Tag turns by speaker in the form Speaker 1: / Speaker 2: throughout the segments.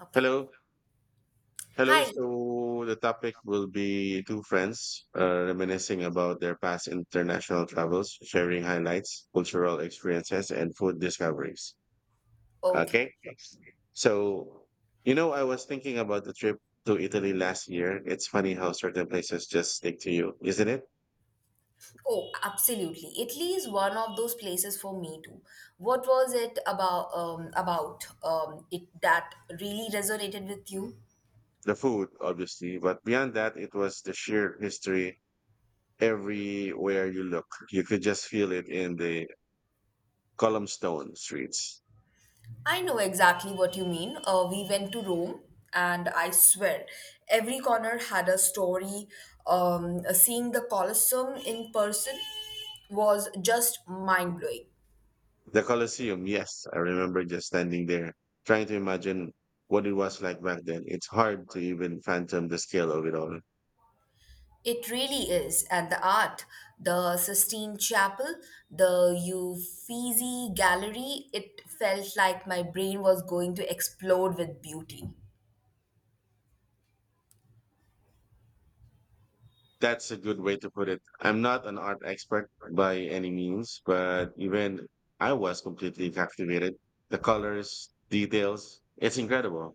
Speaker 1: Okay.
Speaker 2: Hello. Hello.
Speaker 1: Hi.
Speaker 2: So the topic will be two friends reminiscing about their past international travels, sharing highlights, cultural experiences, and food discoveries.
Speaker 1: Okay.
Speaker 2: Okay.
Speaker 1: Sure.
Speaker 2: So, I was thinking about the trip to Italy last year. It's funny how certain places just stick to you, isn't it?
Speaker 1: Oh, absolutely. Italy is one of those places for me too. What was it about it that really resonated with you?
Speaker 2: The food, obviously, but beyond that, it was the sheer history everywhere you look. You could just feel it in the Columnstone streets.
Speaker 1: I know exactly what you mean. We went to Rome, and I swear, every corner had a story. Seeing the Colosseum in person was just mind blowing.
Speaker 2: The Colosseum, yes, I remember just standing there trying to imagine what it was like back then. It's hard to even fathom the scale of it all.
Speaker 1: It really is. And the art, the Sistine Chapel, the Uffizi Gallery, it felt like my brain was going to explode with beauty.
Speaker 2: That's a good way to put it. I'm not an art expert by any means, but even I was completely captivated. The colors, details, it's incredible.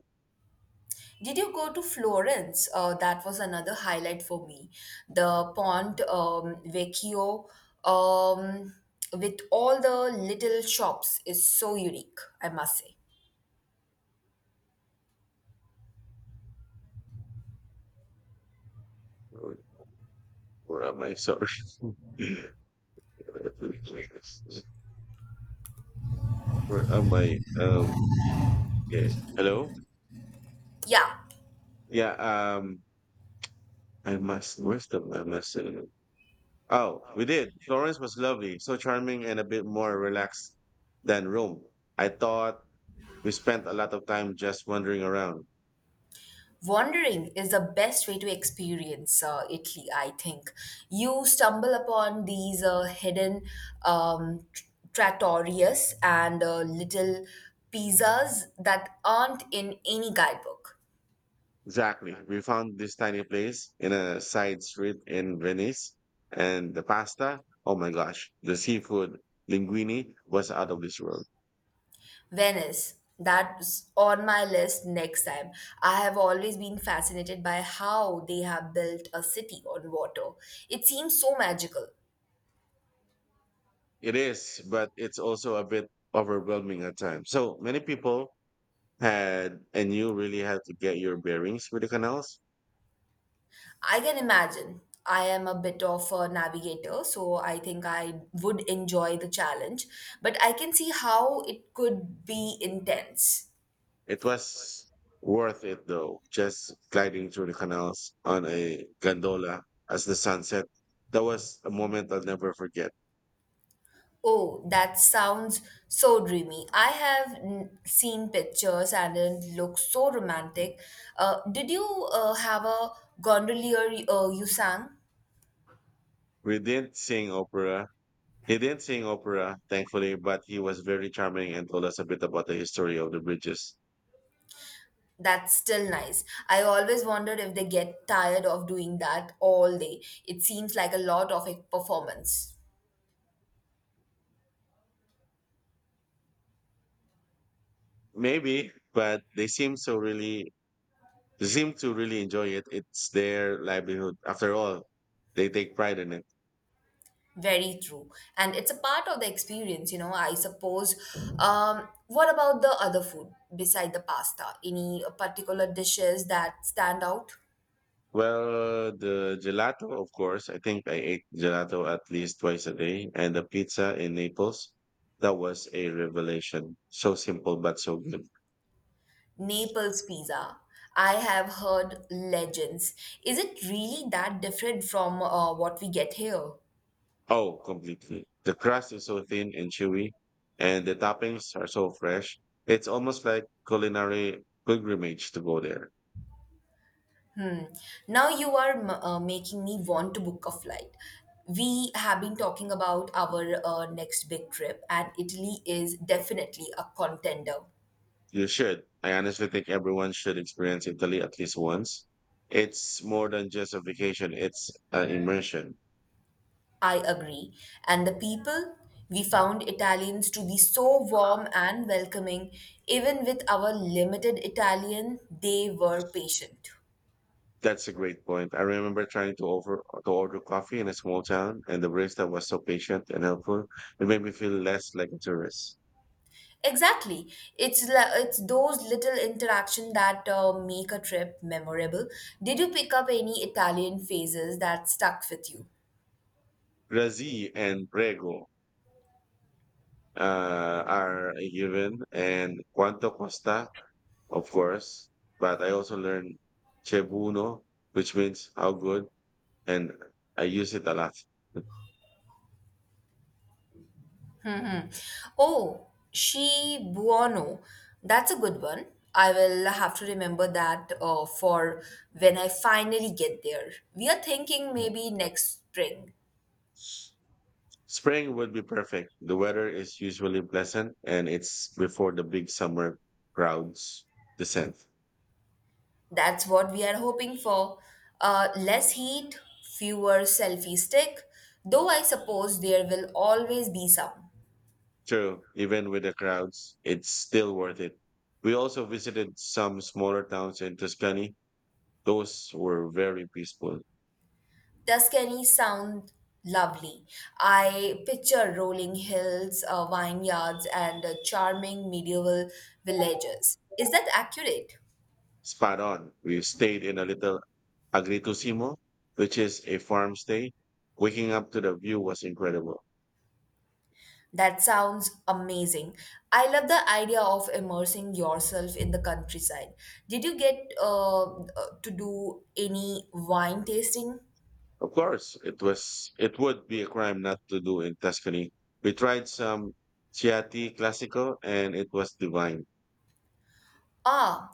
Speaker 1: Did you go to Florence? That was another highlight for me. The Pont Vecchio, um, with all the little shops, is so unique, I must say.
Speaker 2: Where where am I? Sorry. Where am I? Yes. Hello?
Speaker 1: Yeah,
Speaker 2: Yeah, I must where's the I must Oh, we did. Florence was lovely, so charming and a bit more relaxed than Rome. I thought we spent a lot of time just wandering around.
Speaker 1: wandering is the best way to experience Italy, I think. You stumble upon these hidden um, tr- trattorias and little pizzas that aren't in any guidebook.
Speaker 2: Exactly. We found this tiny place in a side street in Venice and the pasta, oh my gosh, the seafood linguine was out of this world.
Speaker 1: Venice, that's on my list next time. I have always been fascinated by how they have built a city on water. It seems so magical.
Speaker 2: It is, but it's also a bit overwhelming at times. So many people had and you really had to get your bearings with the canals.
Speaker 1: I can imagine. I am a bit of a navigator, so I think I would enjoy the challenge, but I can see how it could be intense.
Speaker 2: It was worth it though, just gliding through the canals on a gondola as the sun set. That was a moment I'll never forget.
Speaker 1: Oh, that sounds so dreamy. I seen pictures and it looks so romantic. Did you have a gondolier you sang?
Speaker 2: We didn't sing opera. He didn't sing opera, thankfully, but he was very charming and told us a bit about the history of the bridges.
Speaker 1: That's still nice. I always wondered if they get tired of doing that all day. It seems like a lot of a performance.
Speaker 2: Maybe, but they seem to really enjoy it. It's their livelihood. After all, they take pride in it.
Speaker 1: Very true. And it's a part of the experience, you know, I suppose. What about the other food beside the pasta? Any particular dishes that stand out?
Speaker 2: Well, the gelato, of course. I think I ate gelato at least twice a day, and the pizza in Naples. That was a revelation. So simple, but so good.
Speaker 1: Naples pizza. I have heard legends. Is it really that different from what we get here?
Speaker 2: Oh, completely. The crust is so thin and chewy, and the toppings are so fresh. It's almost like culinary pilgrimage to go there.
Speaker 1: Hmm. Now you are making me want to book a flight. We have been talking about our next big trip, and Italy is definitely a contender.
Speaker 2: You should. I honestly think everyone should experience Italy at least once. It's more than just a vacation, it's an immersion.
Speaker 1: I agree. And the people, we found Italians to be so warm and welcoming. Even with our limited Italian, they were patient.
Speaker 2: That's a great point. I remember trying to over to order coffee in a small town, and the barista was so patient and helpful. It made me feel less like a tourist.
Speaker 1: Exactly. It's those little interaction that make a trip memorable. Did you pick up any Italian phrases that stuck with you?
Speaker 2: Grazi and Prego are a given, and Quanto Costa, of course. But I also learned Chebuno, which means how good, and I use it a lot.
Speaker 1: Oh, Shi Buono. That's a good one. I will have to remember that for when I finally get there. We are thinking maybe next spring.
Speaker 2: Spring would be perfect. The weather is usually pleasant, and it's before the big summer crowds descend.
Speaker 1: That's what we are hoping for. Less heat, fewer selfie stick, though I suppose there will always be some.
Speaker 2: True, even with the crowds, it's still worth it. We also visited some smaller towns in Tuscany. Those were very peaceful.
Speaker 1: Tuscany sound lovely. I picture rolling hills, vineyards, and charming medieval villages. Is that accurate?
Speaker 2: Spot on. We stayed in a little Agriturismo, which is a farm stay. Waking up to the view was incredible.
Speaker 1: That sounds amazing. I love the idea of immersing yourself in the countryside. Did you get to do any wine tasting?
Speaker 2: Of course, it would be a crime not to do in Tuscany. We tried some Chianti Classico and it was divine.
Speaker 1: Ah,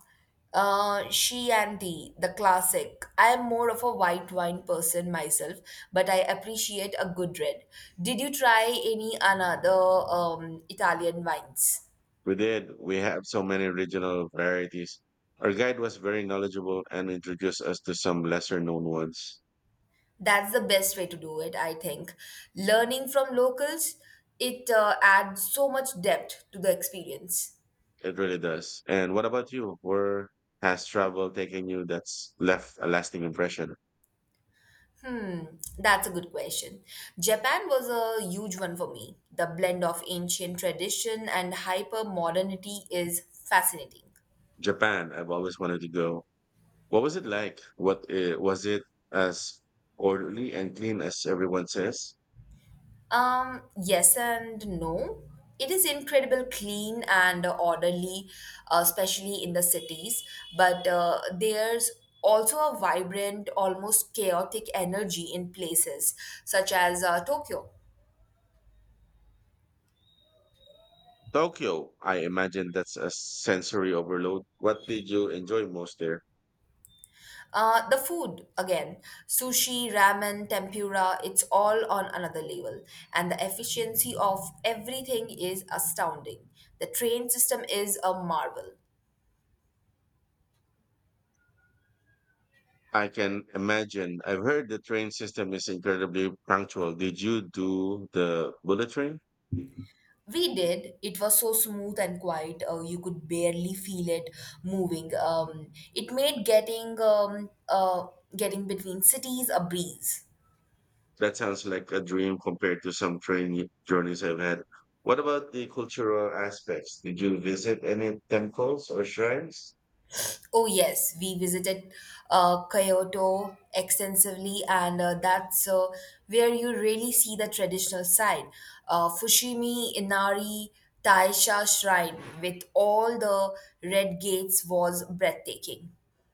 Speaker 1: she and the classic. I am more of a white wine person myself, but I appreciate a good red. Did you try any another Italian wines?
Speaker 2: We did. We have so many regional varieties. Our guide was very knowledgeable and introduced us to some lesser known ones.
Speaker 1: That's the best way to do it, I think. Learning from locals, it adds so much depth to the experience.
Speaker 2: It really does. And what about you? Where has travel taken you that's left a lasting impression?
Speaker 1: Hmm, that's a good question. Japan was a huge one for me. The blend of ancient tradition and hyper modernity is fascinating.
Speaker 2: Japan. I've always wanted to go. What was it like? What was it as orderly and clean as everyone says?
Speaker 1: Yes and no. It is incredible clean and orderly, especially in the cities, but there's also a vibrant, almost chaotic energy in places such as Tokyo.
Speaker 2: Tokyo. I imagine that's a sensory overload. What did you enjoy most there?
Speaker 1: The food, again, sushi, ramen, tempura, it's all on another level. And the efficiency of everything is astounding. The train system is a marvel.
Speaker 2: I can imagine. I've heard the train system is incredibly punctual. Did you do the bullet train?
Speaker 1: We did. It was so smooth and quiet. You could barely feel it moving. It made getting between cities a breeze.
Speaker 2: That sounds like a dream compared to some train journeys I've had. What about the cultural aspects? Did you visit any temples or shrines?
Speaker 1: Oh yes, we visited Kyoto extensively, and that's where you really see the traditional side. Fushimi Inari Taisha Shrine with all the red gates was breathtaking.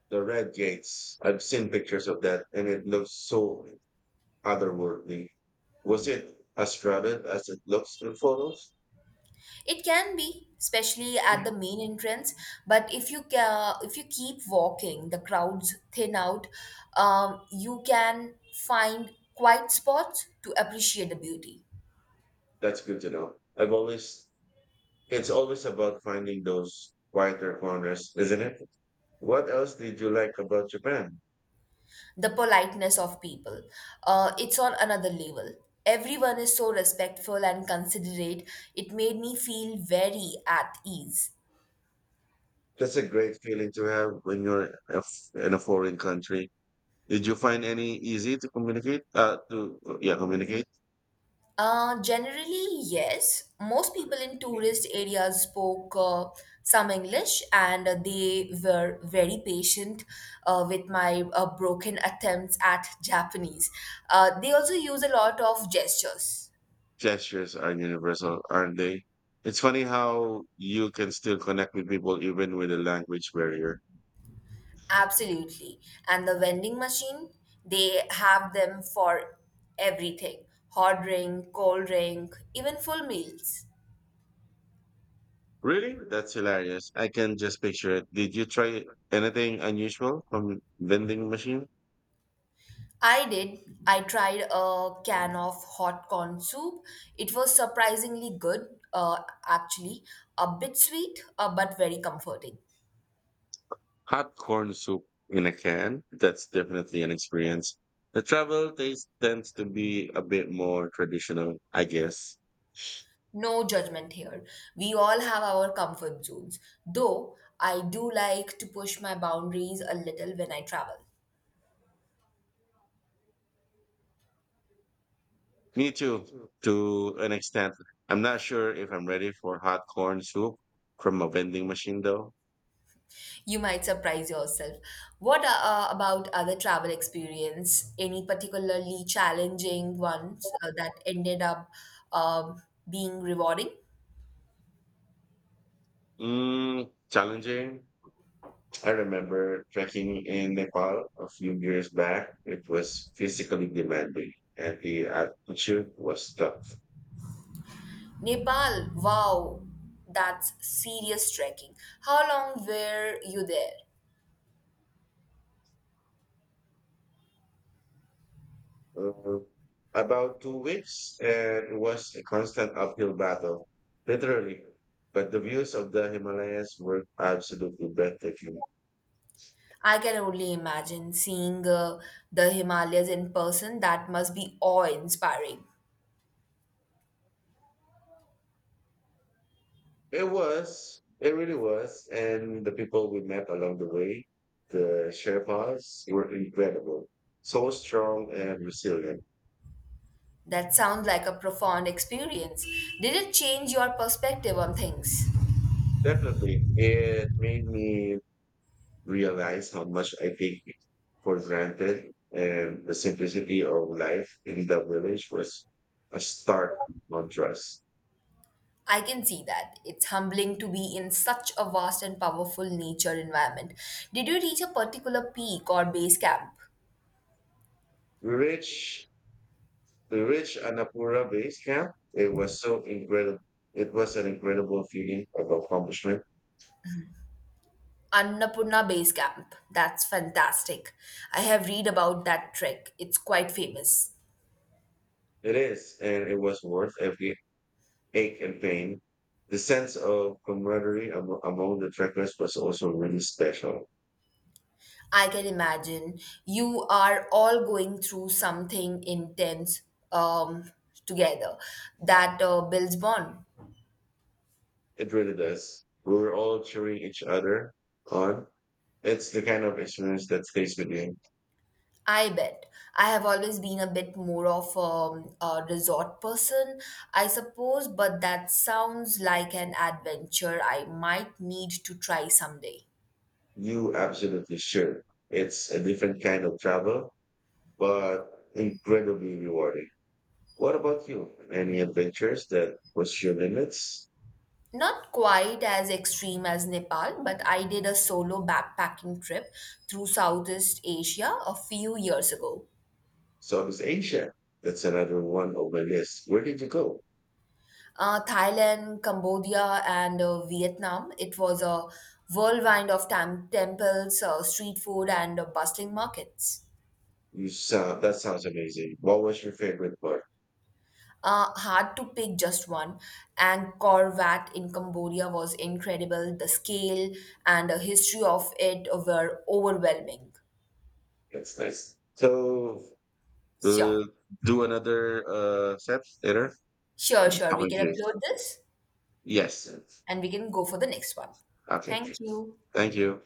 Speaker 2: The Red Gates. I've seen pictures of that and it looks so otherworldly. Was it as crowded as it looks in photos?
Speaker 1: It can be, especially at the main entrance, but if you keep walking, the crowds thin out. You can find quiet spots to appreciate the beauty,
Speaker 2: That's good to know. I've always It's always about finding those quieter corners, isn't it? What else did you like about Japan?
Speaker 1: the politeness of people. It's on another level. Everyone is so respectful and considerate. It made me feel very at ease.
Speaker 2: That's a great feeling to have when you're in a foreign country. Did you find any easy to communicate? To Yeah, communicate.
Speaker 1: Generally, yes. Most people in tourist areas spoke some English and they were very patient with my broken attempts at Japanese. They also use a lot of gestures.
Speaker 2: Gestures are universal, aren't they? It's funny how you can still connect with people even with a language barrier.
Speaker 1: Absolutely. And the vending machine, they have them for everything hot drink, cold drink, even full meals.
Speaker 2: Really? That's hilarious. I can just picture it. Did you try anything unusual from vending machine?
Speaker 1: I did. I tried a can of hot corn soup. It was surprisingly good, actually. A bit sweet, but very comforting.
Speaker 2: Hot corn soup in a can, that's definitely an experience. The travel taste tends to be a bit more traditional, I guess.
Speaker 1: No judgment here. We all have our comfort zones, though I do like to push my boundaries a little when I travel.
Speaker 2: Me too, to an extent. I'm not sure if I'm ready for hot corn soup from a vending machine though.
Speaker 1: You might surprise yourself. What about other travel experience? Any particularly challenging ones that ended up um being rewarding?
Speaker 2: Mm, challenging. I remember trekking in Nepal a few years back. It was physically demanding and the altitude was tough.
Speaker 1: Nepal, wow, that's serious trekking. How long were you there?
Speaker 2: uh, about 2 weeks, and it was a constant uphill battle, literally. But the views of the Himalayas were absolutely breathtaking.
Speaker 1: I can only imagine seeing the Himalayas in person. That must be awe-inspiring.
Speaker 2: It was, it really was. And the people we met along the way, the Sherpas, were incredible, so strong and resilient.
Speaker 1: That sounds like a profound experience. Did it change your perspective on things?
Speaker 2: Definitely, it made me realize how much I take for granted, and the simplicity of life in the village was a stark contrast.
Speaker 1: I can see that. It's humbling to be in such a vast and powerful nature environment. Did you reach a particular peak or base camp?
Speaker 2: We reached we reached Annapurna base camp. It was so incredible. It was an incredible feeling of accomplishment.
Speaker 1: Annapurna Base Camp. That's fantastic. I have read about that trek. It's quite famous.
Speaker 2: It is, and it was worth every ache and pain. The sense of camaraderie among the trekkers was also really special.
Speaker 1: I can imagine you are all going through something intense um, together that builds bond.
Speaker 2: It really does. We were all cheering each other on. It's the kind of experience that stays with you.
Speaker 1: I bet. I have always been a bit more of a resort person, I suppose, but that sounds like an adventure I might need to try someday.
Speaker 2: You absolutely sure. It's a different kind of travel, but incredibly rewarding. What about you? Any adventures that push your limits?
Speaker 1: Not quite as extreme as Nepal, but I did a solo backpacking trip through Southeast Asia a few years ago.
Speaker 2: Southeast Asia. That's another one on my list. Where did you go?
Speaker 1: Thailand, Cambodia, and Vietnam. It was a whirlwind of temples, street food, and bustling markets.
Speaker 2: You sound That sounds amazing. What was your favorite part?
Speaker 1: Hard to pick just one. And Angkor Wat in Cambodia was incredible. The scale and the history of it were overwhelming.
Speaker 2: That's nice. So uh,
Speaker 1: Sure,
Speaker 2: do another set later.
Speaker 1: sure,
Speaker 2: Nice
Speaker 1: sure. We
Speaker 2: talking to
Speaker 1: can
Speaker 2: you.
Speaker 1: upload this
Speaker 2: Yes.
Speaker 1: and we can go for the next one.
Speaker 2: Okay.
Speaker 1: Thank you.
Speaker 2: Thank you.